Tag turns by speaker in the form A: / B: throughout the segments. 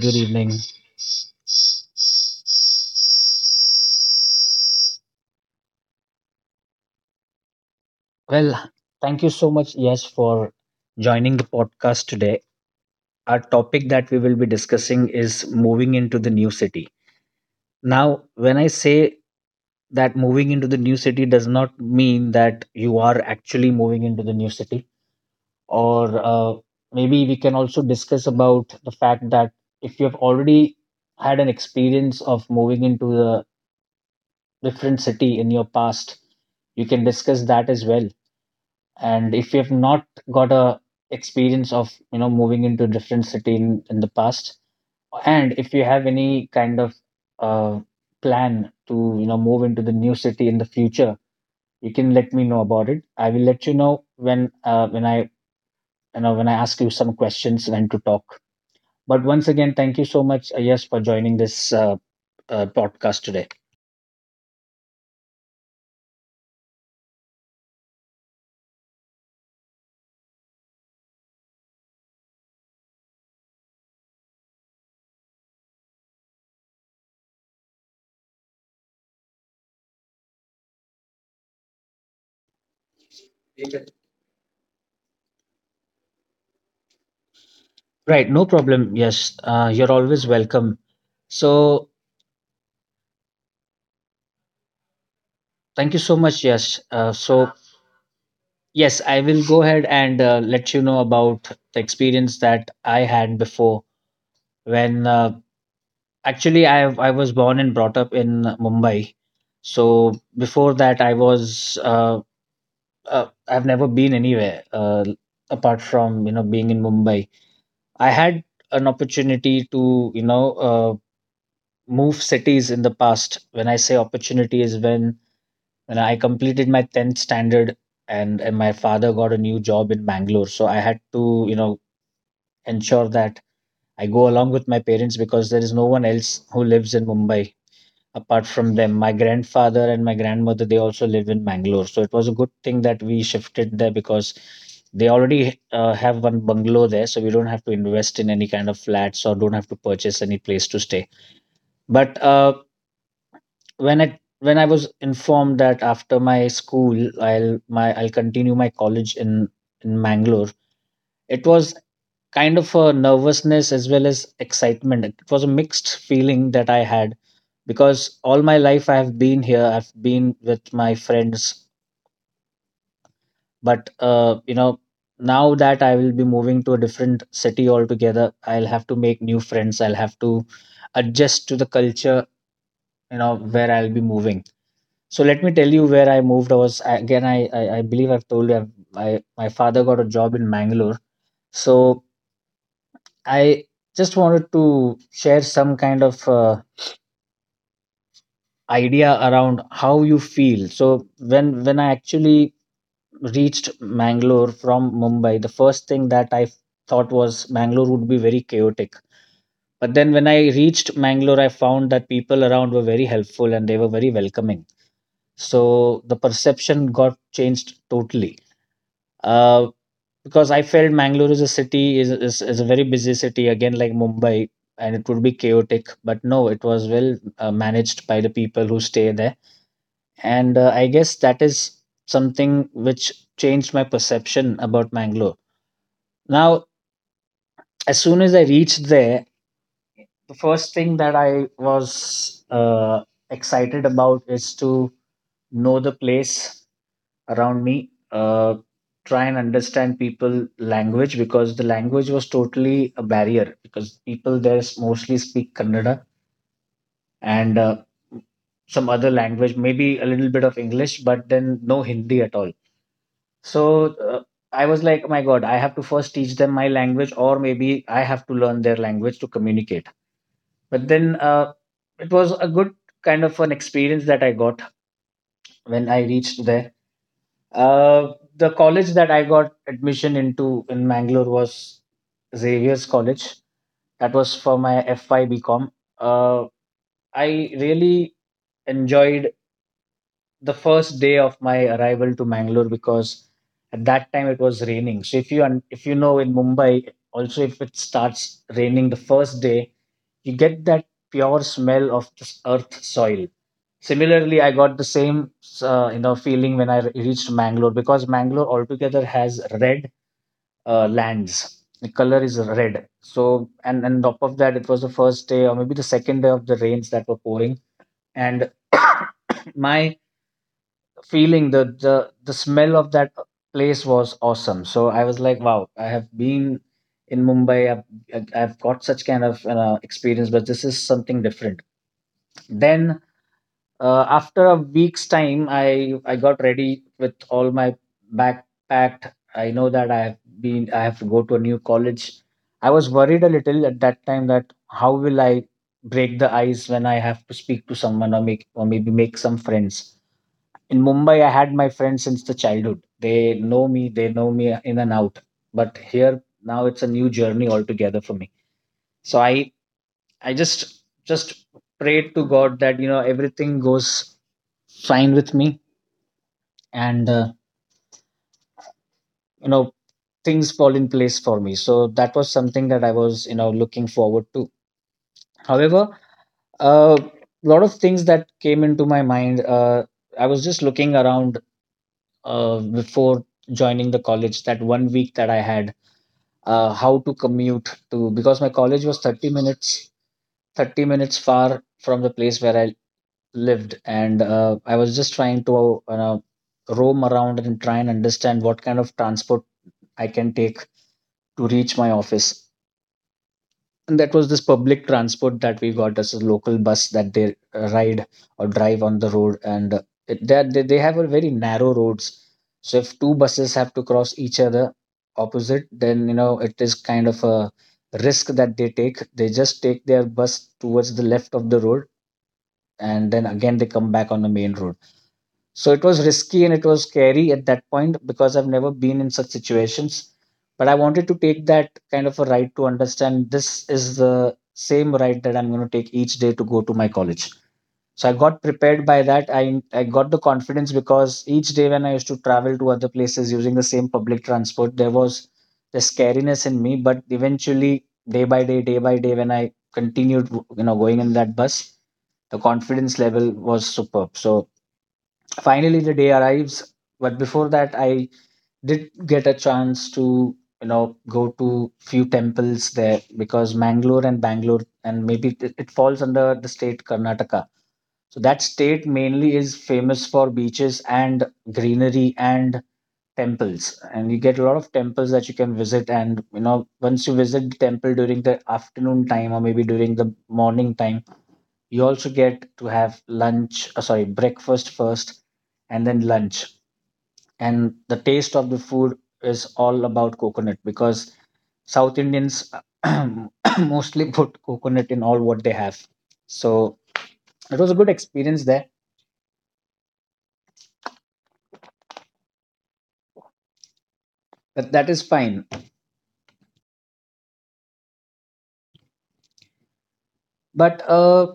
A: good evening. Well, thank you so much. Yes, for joining the podcast today. Our topic that we will be discussing is moving into the new city. Now, when I say that, moving into the new city does not mean that you are actually moving into the new city, or maybe we can also discuss about the fact that if you have already had an experience of moving into a different city in your past, you can discuss that as well, and if you have not got a experience of moving into different city in the past, and if you have any kind of uh, plan to move into the new city in the future, you can let me know about it. I will let you know when I when I ask you some questions when to talk. But once again, thank you so much, yes, for joining this podcast today. Right. No problem. Yes, you're always welcome. So thank you so much. Yes, so yes, I will go ahead and let you know about the experience that I had before when actually I was born and brought up in Mumbai. So before that, I was I've never been anywhere apart from being in Mumbai. I had an opportunity to move cities in the past. When I say opportunity is when I completed my 10th standard, and my father got a new job in Bangalore, so I had to ensure that I go along with my parents, because there is no one else who lives in Mumbai apart from them. My grandfather and my grandmother, they also live in Bangalore. So it was a good thing that we shifted there, because they already have one bungalow there. So we don't have to invest in any kind of flats or don't have to purchase any place to stay. But when I was informed that after my school, I'll continue my college in Bangalore, it was kind of a nervousness as well as excitement. It was a mixed feeling that I had, because all my life I have been here, I've been with my friends, but you know, now that I will be moving to a different city altogether, I'll have to make new friends, I'll have to adjust to the culture, you know, where I'll be moving. So let me tell you where I moved. I was again, I believe I've told you, I've, I my father got a job in Mangalore. So I just wanted to share some kind of idea around how you feel. So when I actually reached Mangalore from Mumbai, the first thing that I thought was Mangalore would be very chaotic. But then when I reached Mangalore, I found that people around were very helpful and they were very welcoming. So the perception got changed totally. Uh, because I felt Mangalore is a city, is a very busy city again like Mumbai, and it would be chaotic, but no, it was well managed by the people who stay there, and I guess that is something which changed my perception about Mangalore. Now as soon as I reached there, the first thing that I was excited about is to know the place around me, try and understand people language, because the language was totally a barrier because people there mostly speak Kannada and some other language, maybe a little bit of English, but then no Hindi at all. So I was like, "Oh my God, I have to first teach them my language, or maybe I have to learn their language to communicate." But then it was a good kind of an experience that I got when I reached there. The college that I got admission into in Mangalore was Xavier's College. That was for my FY BCom. Uh, I really enjoyed the first day of my arrival to Mangalore, because at that time it was raining. So if you if you know in Mumbai, also if it starts raining the first day, you get that pure smell of this earth soil. Similarly, I got the same feeling when I reached Mangalore, because Mangalore altogether has red lands. The color is red. So, and top of that, it was the first day or maybe the second day of the rains that were pouring, and my feeling, the smell of that place was awesome. So I was like, wow, I have been in Mumbai. I've got such kind of experience, but this is something different. Then after a week's time, I got ready with all my backpacked. I know that I have been, I have to go to a new college. I was worried a little at that time that how will I break the ice when I have to speak to someone or make, or maybe make some friends. In Mumbai I had my friends since the childhood. They know me, they know me in and out. But here now it's a new journey altogether for me. So I just just prayed to God that you know everything goes fine with me, and you know things fall in place for me. So that was something that I was you know looking forward to. However, a lot of things that came into my mind, I was just looking around before joining the college, that 1 week that I had, how to commute to, because my college was 30 minutes far from the place where I lived, and I was just trying to roam around and try and understand what kind of transport I can take to reach my office. And that was this public transport that we got as a local bus that they ride or drive on the road. And it, that they have a very narrow roads. So if two buses have to cross each other opposite, then you know it is kind of a risk that they take. They just take their bus towards the left of the road, and then again they come back on the main road. So it was risky and it was scary at that point, because I've never been in such situations. But I wanted to take that kind of a ride to understand, this is the same ride that I'm going to take each day to go to my college. So I got prepared by that. I got the confidence, because each day when I used to travel to other places using the same public transport, there was the scariness in me. But eventually, day by day, when I continued, you know, going in that bus, the confidence level was superb. So finally the day arrives. But before that, I did get a chance to you know go to few temples there, because Mangalore and Bangalore, and maybe it falls under the state Karnataka. So that state mainly is famous for beaches and greenery and temples, and you get a lot of temples that you can visit. And you know once you visit the temple during the afternoon time or maybe during the morning time, you also get to have lunch, sorry, breakfast first and then lunch. And the taste of the food is all about coconut, because South Indians mostly put coconut in all what they have. So it was a good experience there, but that is fine. But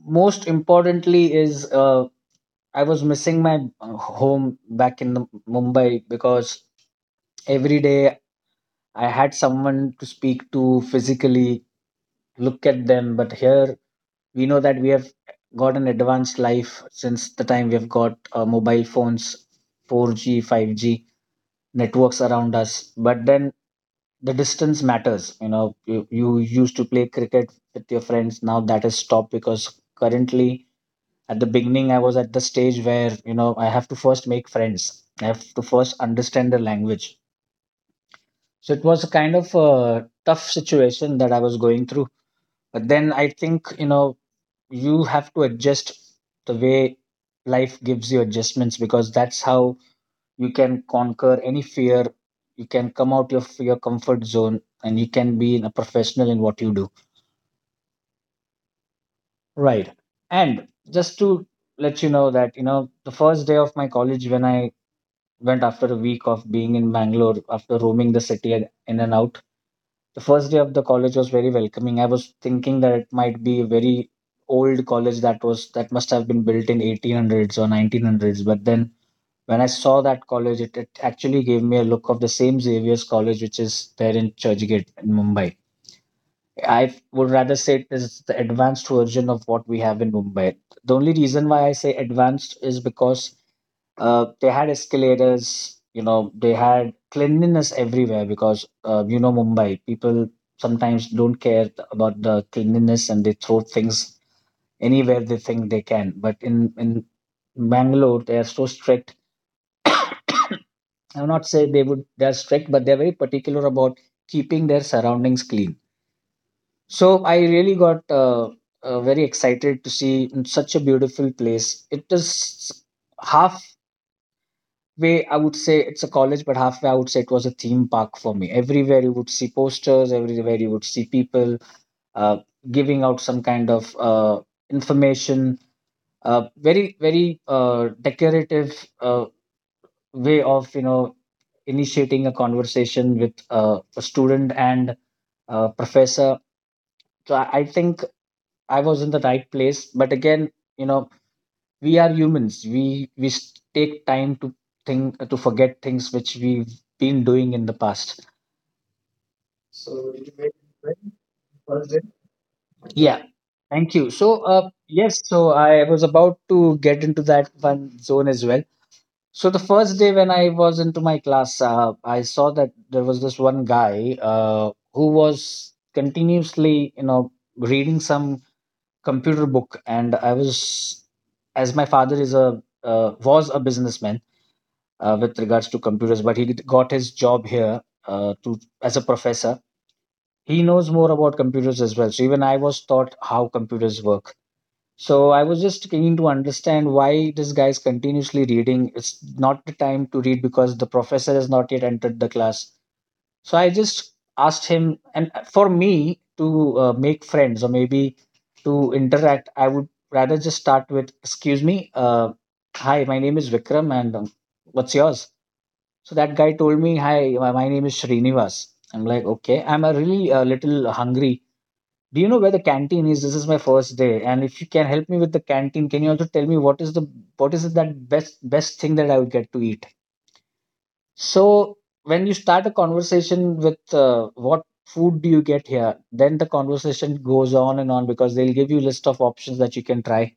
A: most importantly is, I was missing my home back in the Mumbai, because every day I had someone to speak to physically, look at them. But here we know that we have got an advanced life since the time we have got mobile phones, 4G, 5G networks around us. But then the distance matters. You know, you used to play cricket with your friends. Now that is stopped, because currently at the beginning I was at the stage where you know I have to first make friends. I have to first understand the language. So it was a kind of a tough situation that I was going through. But then I think, you know, you have to adjust the way life gives you adjustments, because that's how you can conquer any fear. You can come out of your comfort zone and you can be a professional in what you do. Right. And just to let you know that, the first day of my college when I went after a week of being in Bangalore, after roaming the city in and out, the first day of the college was very welcoming. I was thinking that it might be a very old college that must have been built in 1800s or 1900s. But then when I saw that college, it actually gave me a look of the same Xavier's College which is there in Churchgate in Mumbai. I would rather say it is the advanced version of what we have in Mumbai. The only reason why I say advanced is because they had escalators, they had cleanliness everywhere, because Mumbai people sometimes don't care about the cleanliness and they throw things anywhere they think they can, but in Bangalore they are so strict. I will not say they are strict, but they're very particular about keeping their surroundings clean. So I really got very excited to see in such a beautiful place. It is half way, I would say it's a college, but halfway I would say it was a theme park for me. Everywhere you would see posters, everywhere you would see people uh, giving out some kind of information. Very very decorative uh, way of initiating a conversation with a student and professor. So I think I was in the right place, but again, you know, we are humans, take time to think, to forget things which we've been doing in the past. So did you make it right? Yeah, thank you. So, yes, so I was about to get into that one zone as well. So the first day, when I was into my class, I saw that there was this one guy who was continuously reading some computer book. And I was, as my father is a was a businessman with regards to computers, but he got his job here to as a professor. He knows more about computers as well. So even I was taught how computers work. So I was just keen to understand why this guy is continuously reading. It's not the time to read because the professor has not yet entered the class. So I just asked him, and for me to make friends or maybe to interact, I would rather just start with, "Excuse me, hi, my name is Vikram, and what's yours?" So that guy told me, "Hi, my name is Srinivas." I'm like, "Okay, I'm a really a little hungry. Do you know where the canteen is? This is my first day, and if you can help me with the canteen, can you also tell me what is that best thing that I will get to eat?" So when you start a conversation with what food do you get here, then the conversation goes on and on because they'll give you list of options that you can try,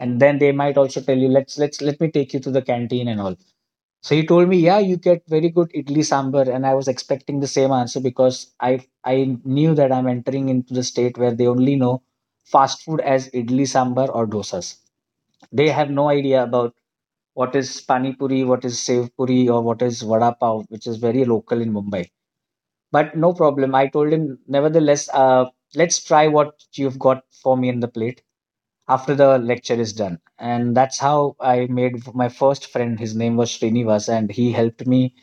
A: and then they might also tell you, Let me take you to the canteen and all." So he told me, "Yeah, you get very good idli sambar," and I was expecting the same answer because I knew that I'm entering into the state where they only know fast food as idli sambar or dosas. They have no idea about what is pani puri, what is sev puri, or what is vada pav, which is very local in Mumbai. But no problem. I told him, nevertheless, let's try what you've got for me in the plate after the lecture is done. And that's how I made my first friend. His name was Srinivas, and he helped me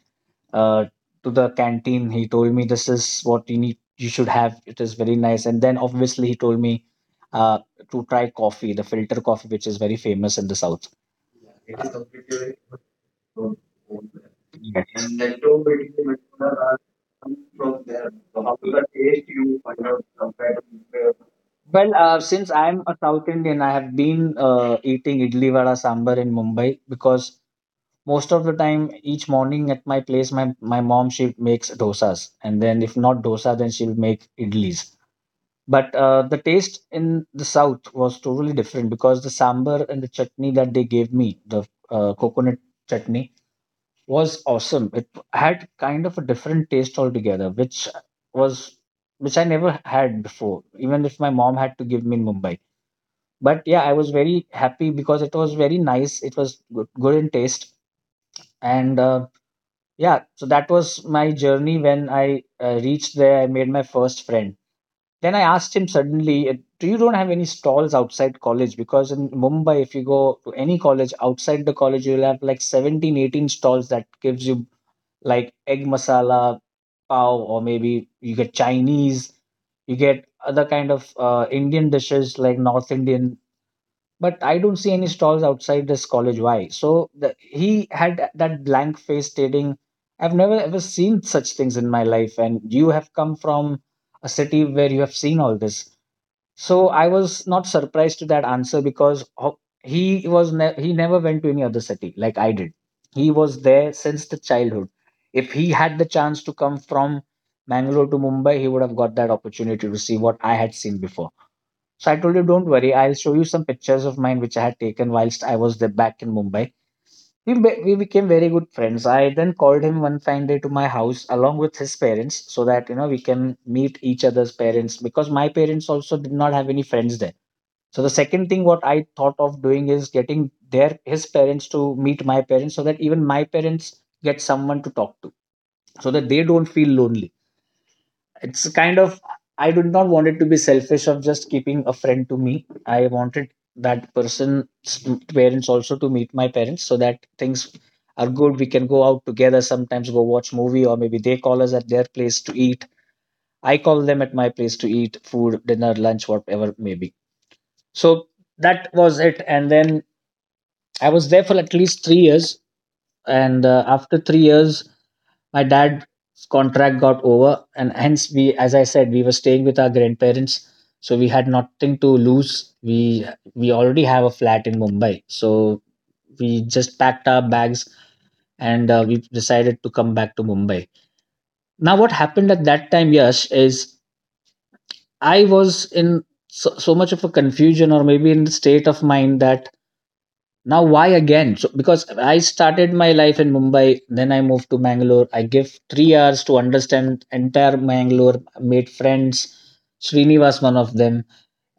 A: uh, to the canteen. He told me this is what you need, you should have. It is very nice. And then obviously he told me uh, to try coffee, the filter coffee, which is very famous in the south. Yes. Well, since I'm a South Indian, I have been eating idli vada sambar in Mumbai because most of the time, each morning at my place, my mom she makes dosas, and then if not dosa, then she'll make idlis. But the taste in the south was totally different because the sambar and the chutney that they gave me, the coconut chutney, was awesome. It had kind of a different taste altogether, was which I never had before, even if my mom had to give me in Mumbai. But yeah, I was very happy because it was very nice. It was good, good in taste, and yeah, so that was my journey when I reached there. I made my first friend, then I asked him suddenly, "Do you don't have any stalls outside college? Because in Mumbai, if you go to any college outside the college, you'll have like 17, 18 stalls that gives you like egg masala, pav, or maybe you get Chinese, you get other kind of Indian dishes like North Indian. But I don't see any stalls outside this college. Why?" So he had that blank face stating, "I've never ever seen such things in my life, and you have come from a city where you have seen all this." So I was not surprised to that answer because he never went to any other city like I did. He was there since the childhood. If he had the chance to come from Mangalore to Mumbai, he would have got that opportunity to see what I had seen before. So I told you, don't worry. I'll show you some pictures of mine which I had taken whilst I was there back in Mumbai. We became very good friends. I then called him one fine day to my house along with his parents so that, we can meet each other's parents, because my parents also did not have any friends there. So the second thing what I thought of doing is getting their his parents to meet my parents so that even my parents get someone to talk to, so that they don't feel lonely. It's kind of I did not want it to be selfish of just keeping a friend to me. I wanted that person's parents also to meet my parents so that things are good. We can go out together, sometimes go watch movie, or maybe they call us at their place to eat. I call them at my place to eat food, dinner, lunch, whatever maybe. So that was it, and then I was there for at least 3 years, and after 3 years, my dad's contract got over, and hence we, as I said, we were staying with our grandparents, so we had nothing to lose. We already have a flat in Mumbai, so we just packed our bags and we decided to come back to Mumbai. Now, what happened at that time, Yash, is I was in so, so much of a confusion, or maybe in the state of mind that now, why again? So because I started my life in Mumbai, then I moved to Mangalore. I give 3 hours to understand entire Mangalore, made friends, Srinivas one of them,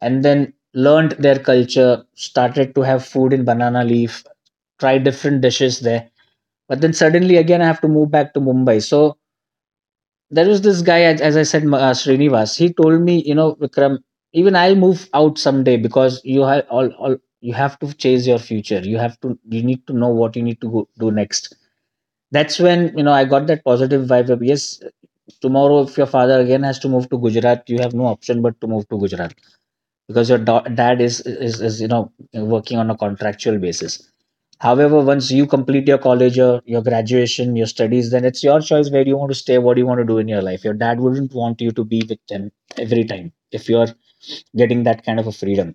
A: and then learned their culture, started to have food in banana leaf, try different dishes there. But then suddenly again I have to move back to Mumbai. So there was this guy, as I said, Srinivas, he told me, Vikram, even I'll move out someday because you have all you have to chase your future. You need to know what you need to do next. That's when, I got that positive vibe of, yes, tomorrow if your father again has to move to Gujarat, you have no option but to move to Gujarat because your dad is working on a contractual basis. However, once you complete your college or your graduation, your studies, then it's your choice where you want to stay, what you want to do in your life. Your dad wouldn't want you to be with them every time if you're getting that kind of a freedom.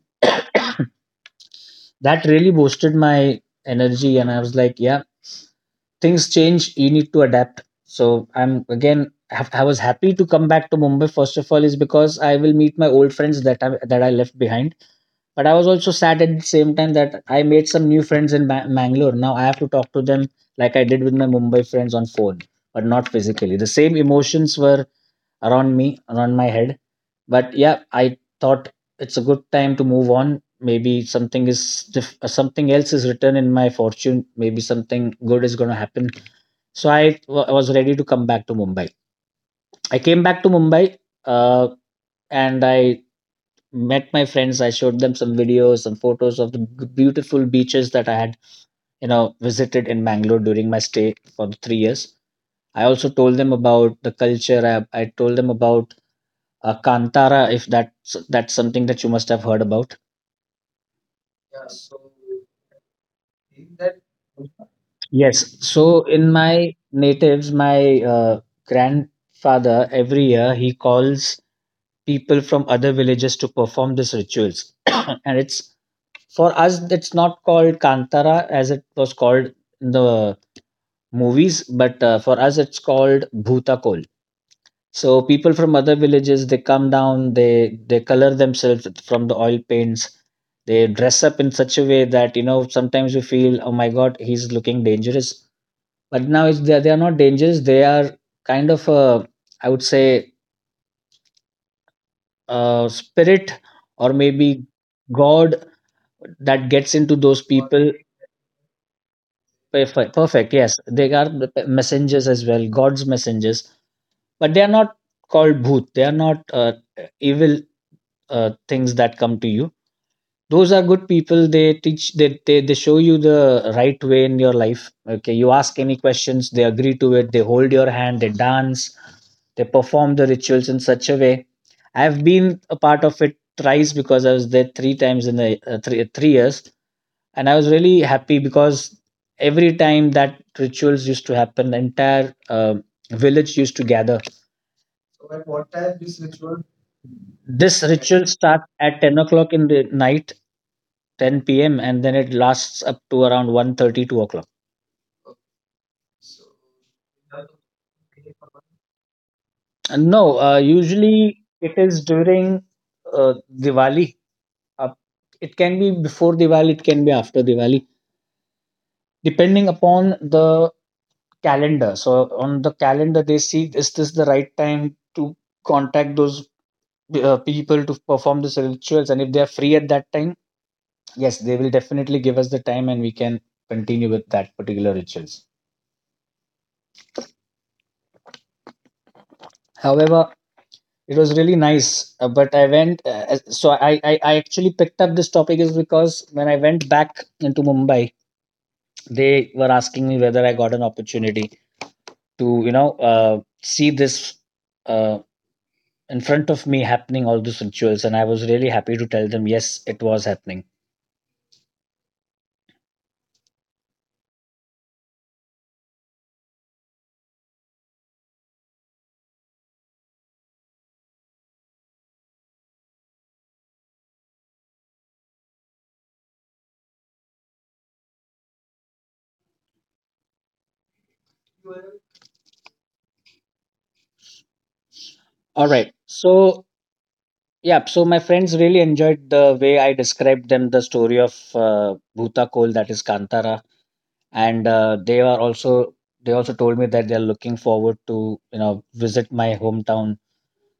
A: That really boosted my energy, and I was like, yeah, things change, you need to adapt. So i'm again I I was happy to come back to Mumbai. First of all, is because I will meet my old friends that I left behind, but I was also sad at the same time that I made some new friends in Bangalore. Now I have to talk to them like I did with my Mumbai friends on phone, but not physically. The same emotions were around me, around my head. But yeah, I thought it's a good time to move on. Maybe something else is written in my fortune. Maybe something good is going to happen. So I was ready to come back to Mumbai. I came back to Mumbai uh, and I met my friends. I showed them some videos, some photos of the beautiful beaches that I had visited in Bangalore during my stay for the 3 years. I also told them about the culture. I told them about Kantara, if that's something that you must have heard about. Yes. So in my natives, my grandfather every year he calls people from other villages to perform these rituals, and it's for us. It's not called Kantara as it was called in the movies, but for us it's called Bhutakol. So people from other villages, they come down. They color themselves from the oil paints. They dress up in such a way that sometimes you feel, oh my god, he's looking dangerous. But now it's they are not dangerous. They are kind of a, I would say, a spirit or maybe God that gets into those people. Perfect, perfect. Yes, they are the messengers as well, God's messengers. But they are not called bhoot. They are not evil things that come to you. Those are good people. They teach. They show you the right way in your life. Okay, you ask any questions, they agree to it. They hold your hand. They dance. They perform the rituals in such a way. I've been a part of it thrice because I was there three times in the three three years, and I was really happy because every time that rituals used to happen, the entire village used to gather. This ritual starts at 10 o'clock in the night, 10 p.m., and then it lasts up to around one thirty two o'clock. And no, usually it is during Diwali. Up it can be before Diwali, it can be after Diwali, depending upon the calendar. So on the calendar, they see, is this the right time to contact those people to perform these rituals, and if they are free at that time, yes, they will definitely give us the time, and we can continue with that particular rituals. However, it was really nice. But I went, so I actually picked up this topic is because when I went back into Mumbai, they were asking me whether I got an opportunity to, see this uh, in front of me happening, all these rituals. And I was really happy to tell them, yes, it was happening. All right. So, yeah, so my friends really enjoyed the way I described them the story of Bhuta Kol, that is Kantara, and they also told me that they're looking forward to visit my hometown,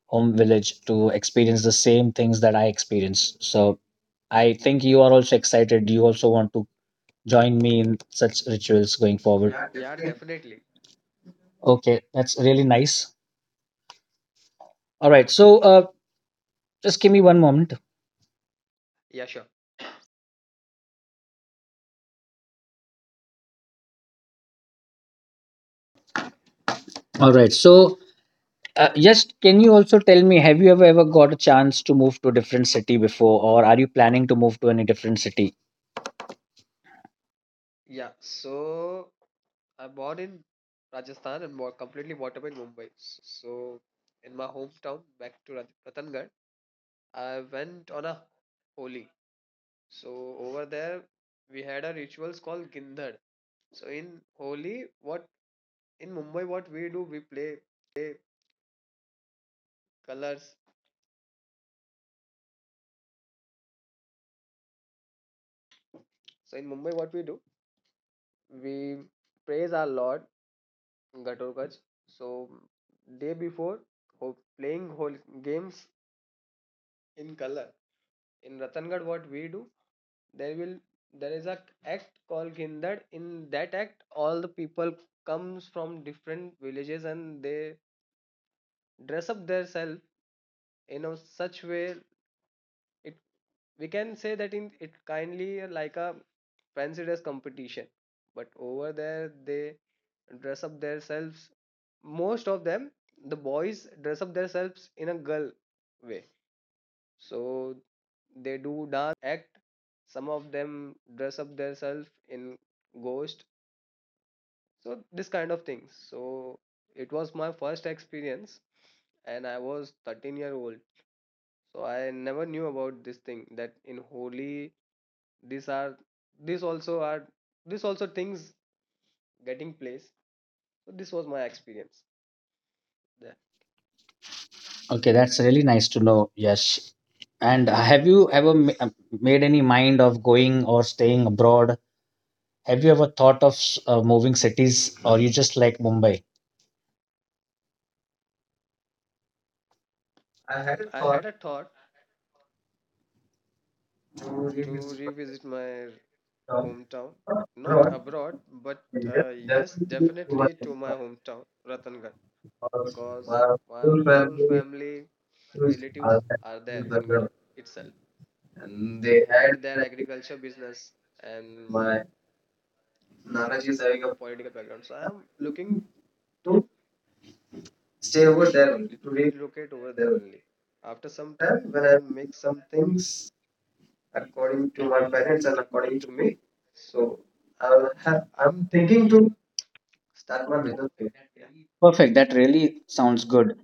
A: home village, to experience the same things that I experienced. So I think you are also excited. You also want to join me in such rituals going forward. Yeah,
B: Yeah,
A: definitely.
B: definitely.
A: Okay, that's really nice. All right, so just give me one moment.
B: Yeah, sure.
A: All right, so just can you also tell me, have you ever got a chance to move to a different city before, or are you planning to move to any different city?
B: Yeah, so I'm born in Rajasthan and more completely brought up in Mumbai. So in my hometown, back to Ratan, I went on a Holi. So over there, we had a rituals called Gindhad. So in Holi, what in Mumbai, what we do, we play colors. So in Mumbai, what we do, we praise our Lord Ghatotkacha. So day before, playing whole games in color. In Ratangad, what we do, there will there is a act called Gindad. In that act, all the people comes from different villages and they dress up themselves in a such way. It we can say that in it kindly like a fancy dress competition, but over there they dress up themselves. Most of them, the boys dress up themselves in a girl way. So they do dance, they do act. Some of them dress up themselves in ghost. So this kind of things. So it was my first experience, and I was 13-year-old. So I never knew about this thing that in Holi, these are these also are these also things getting place. So this was my experience there.
A: Okay, that's really nice to know, Yash. And have you ever made any mind of going or staying abroad? Have you ever thought of moving cities, or you just like Mumbai?
B: I had a thought to revisit my hometown, not abroad, but yes, definitely to my hometown, Ratan, because my whole family relatives are there in Ratan itself, and they had their agriculture business, and my Nanaji is having a political background, so I am looking to stay over there only, to relocate over there only. After some time, when I make some things according to my parents and according to me, so I'm thinking to start my business over there. Perfect. That. Yeah. Really,
A: Perfect, that really sounds good.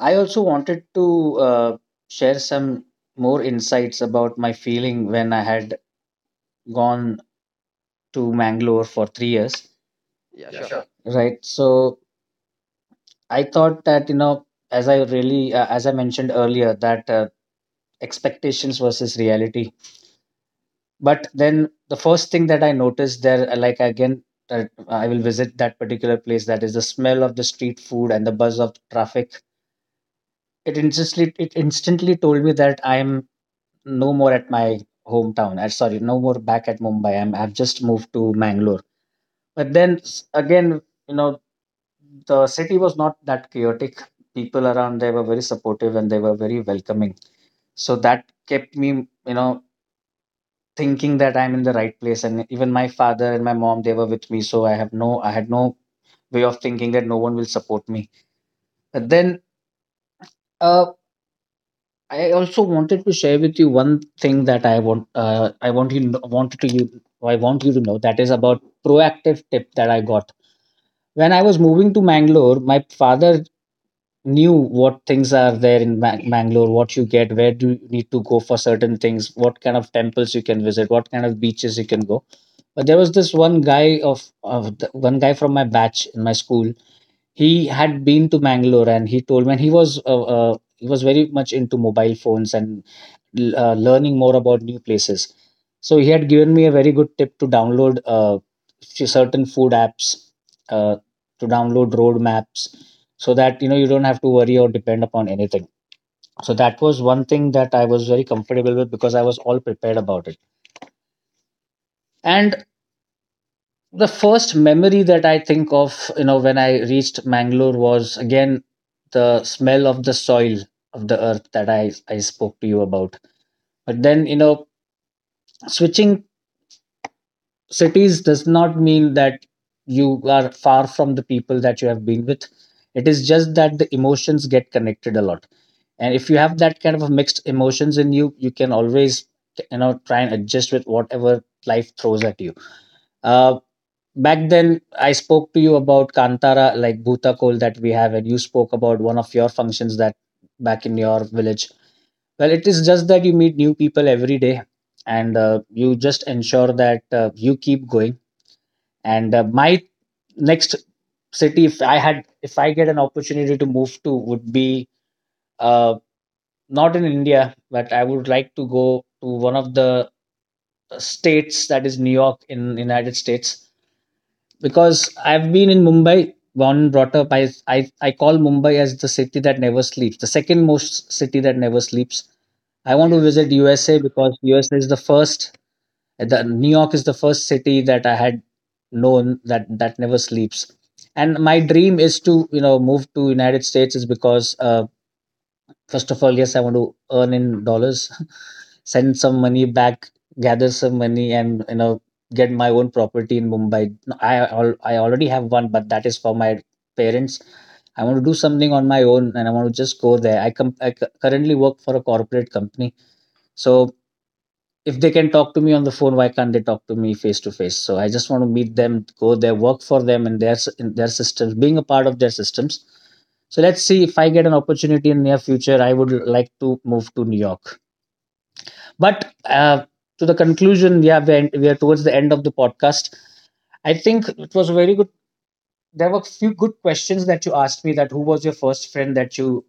A: I also wanted to share some more insights about my feeling when I had gone to Mangalore for 3 years,
B: yeah, sure. Right?
A: right?
B: So
A: So I thought that, you know, as I mentioned earlier, that expectations versus reality. But then the first thing that I noticed there, like again, that I will visit that particular place, that is the smell of the street food and the buzz of traffic. It instantly told me that I'm no more at my hometown. I sorry, no more back at Mumbai. I've just moved to Mangalore. But then again, you know, the city was not that chaotic. People around there were very supportive and they were very welcoming, so that kept me you know thinking that I'm in the right place. And even my father and my mom, they were with me, so I had no way of thinking that no one will support me. But then, uh, I also wanted to share with you one thing that I want you kn- I want you to know that is about proactive tip that I got when I was moving to Mangalore. My father knew what things are there in Mangalore, what you get, where do you need to go for certain things, what kind of temples you can visit, what kind of beaches you can go. But there was this one guy of the, one guy from my batch in my school. He had been to Mangalore, and he told me, and he was very much into mobile phones and learning more about new places. So he had given me a very good tip to download few certain food apps, uh, to download road maps, so that you know you don't have to worry or depend upon anything. So that was one thing that I was very comfortable with because I was all prepared about it. And the first memory that I think of, when I reached Mangalore, was again the smell of the soil of the earth that I spoke to you about. But then, switching cities does not mean that you are far from the people that you have been with. It is just that the emotions get connected a lot. And if you have that kind of a mixed emotions in you, you can always, try and adjust with whatever life throws at you. Uh, back then I spoke to you about Kantara, like Bhutakol that we have, and you spoke about one of your functions that back in your village. Well, it is just that you meet new people every day, and you just ensure that you keep going. And my next city, if I get an opportunity to move to, would be uh, not in India, but I would like to go to one of the states that is New York in United States, because I've been in Mumbai, born and brought up. I call Mumbai as the city that never sleeps, the second most city that never sleeps. I want to
B: yes.
A: visit
B: To
A: USA because USA is the first. The New York is the first city that I had known that never sleeps. And my dream is to move to United States, is because first of all, yes, I want to earn in dollars, send some money back, gather some money, and get my own property in Mumbai. No, I already have one, but that is for my parents. I want to do something on my own, and I want to just go there. I, com- I cu- currently work for a corporate company, so if they can talk to me on the phone, why can't they talk to me face to face? So I just want to meet them, go there, work for them and their in their systems, being a part of their systems. So let's see, if I get an opportunity in near future, I would like to move to New York. But to the conclusion, yeah, we are towards the end of the podcast. I think it was a very good there were a few good questions that you asked me, that who was your first friend that you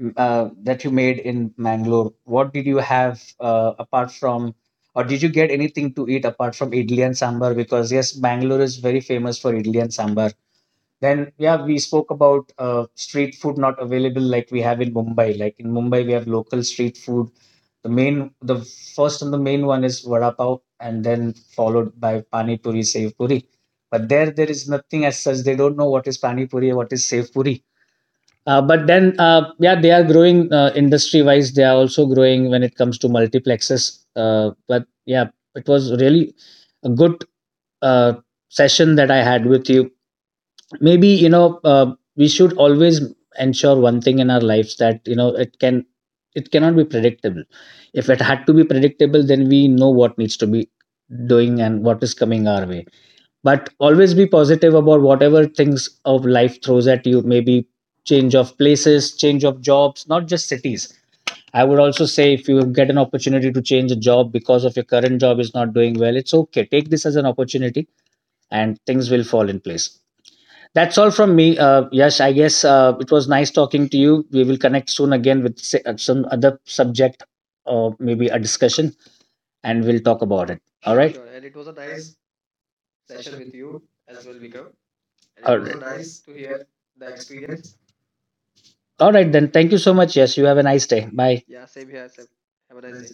A: mm, uh, that you made in Mangalore. What did you have apart from or did you get anything to eat apart from idli and sambar? Because yes, Bangalore is very famous for idli and sambar. Then, yeah, we spoke about street food not available like we have in Mumbai. Like in Mumbai, we have local street food. The main, the first and the main one is vada pav, and then followed by pani puri, sev puri. But there is nothing as such. They don't know what is pani puri, what is sev puri. But then, yeah, they are growing industry wise. They are also growing when it comes to multiplexes. But yeah, it was really a good uh, session that I had with you. Maybe we should always ensure one thing in our lives that it cannot be predictable. If it had to be predictable, then we know what needs to be doing and what is coming our way. But always be positive about whatever things of life throws at you. Maybe change of places, change of jobs, not just cities. I would also say if you get an opportunity to change a job because of your current job is not doing well, it's okay, take this as an opportunity and things will fall in place. That's all from me. Yash, I guess it was nice talking to you. We will connect soon again with some other subject or maybe a discussion, and we'll talk about it. All
B: sure,
A: right.
B: sure. And it was a nice session with you as well, Vikram. And it
A: All
B: was right, a
A: right.
B: nice to hear the experience.
A: All
B: Okay.
A: right,
B: Your...
A: then. Thank you so much. Yes, you have a nice
B: yeah.
A: day. Bye.
B: Yeah, same here. Same. Have a nice day.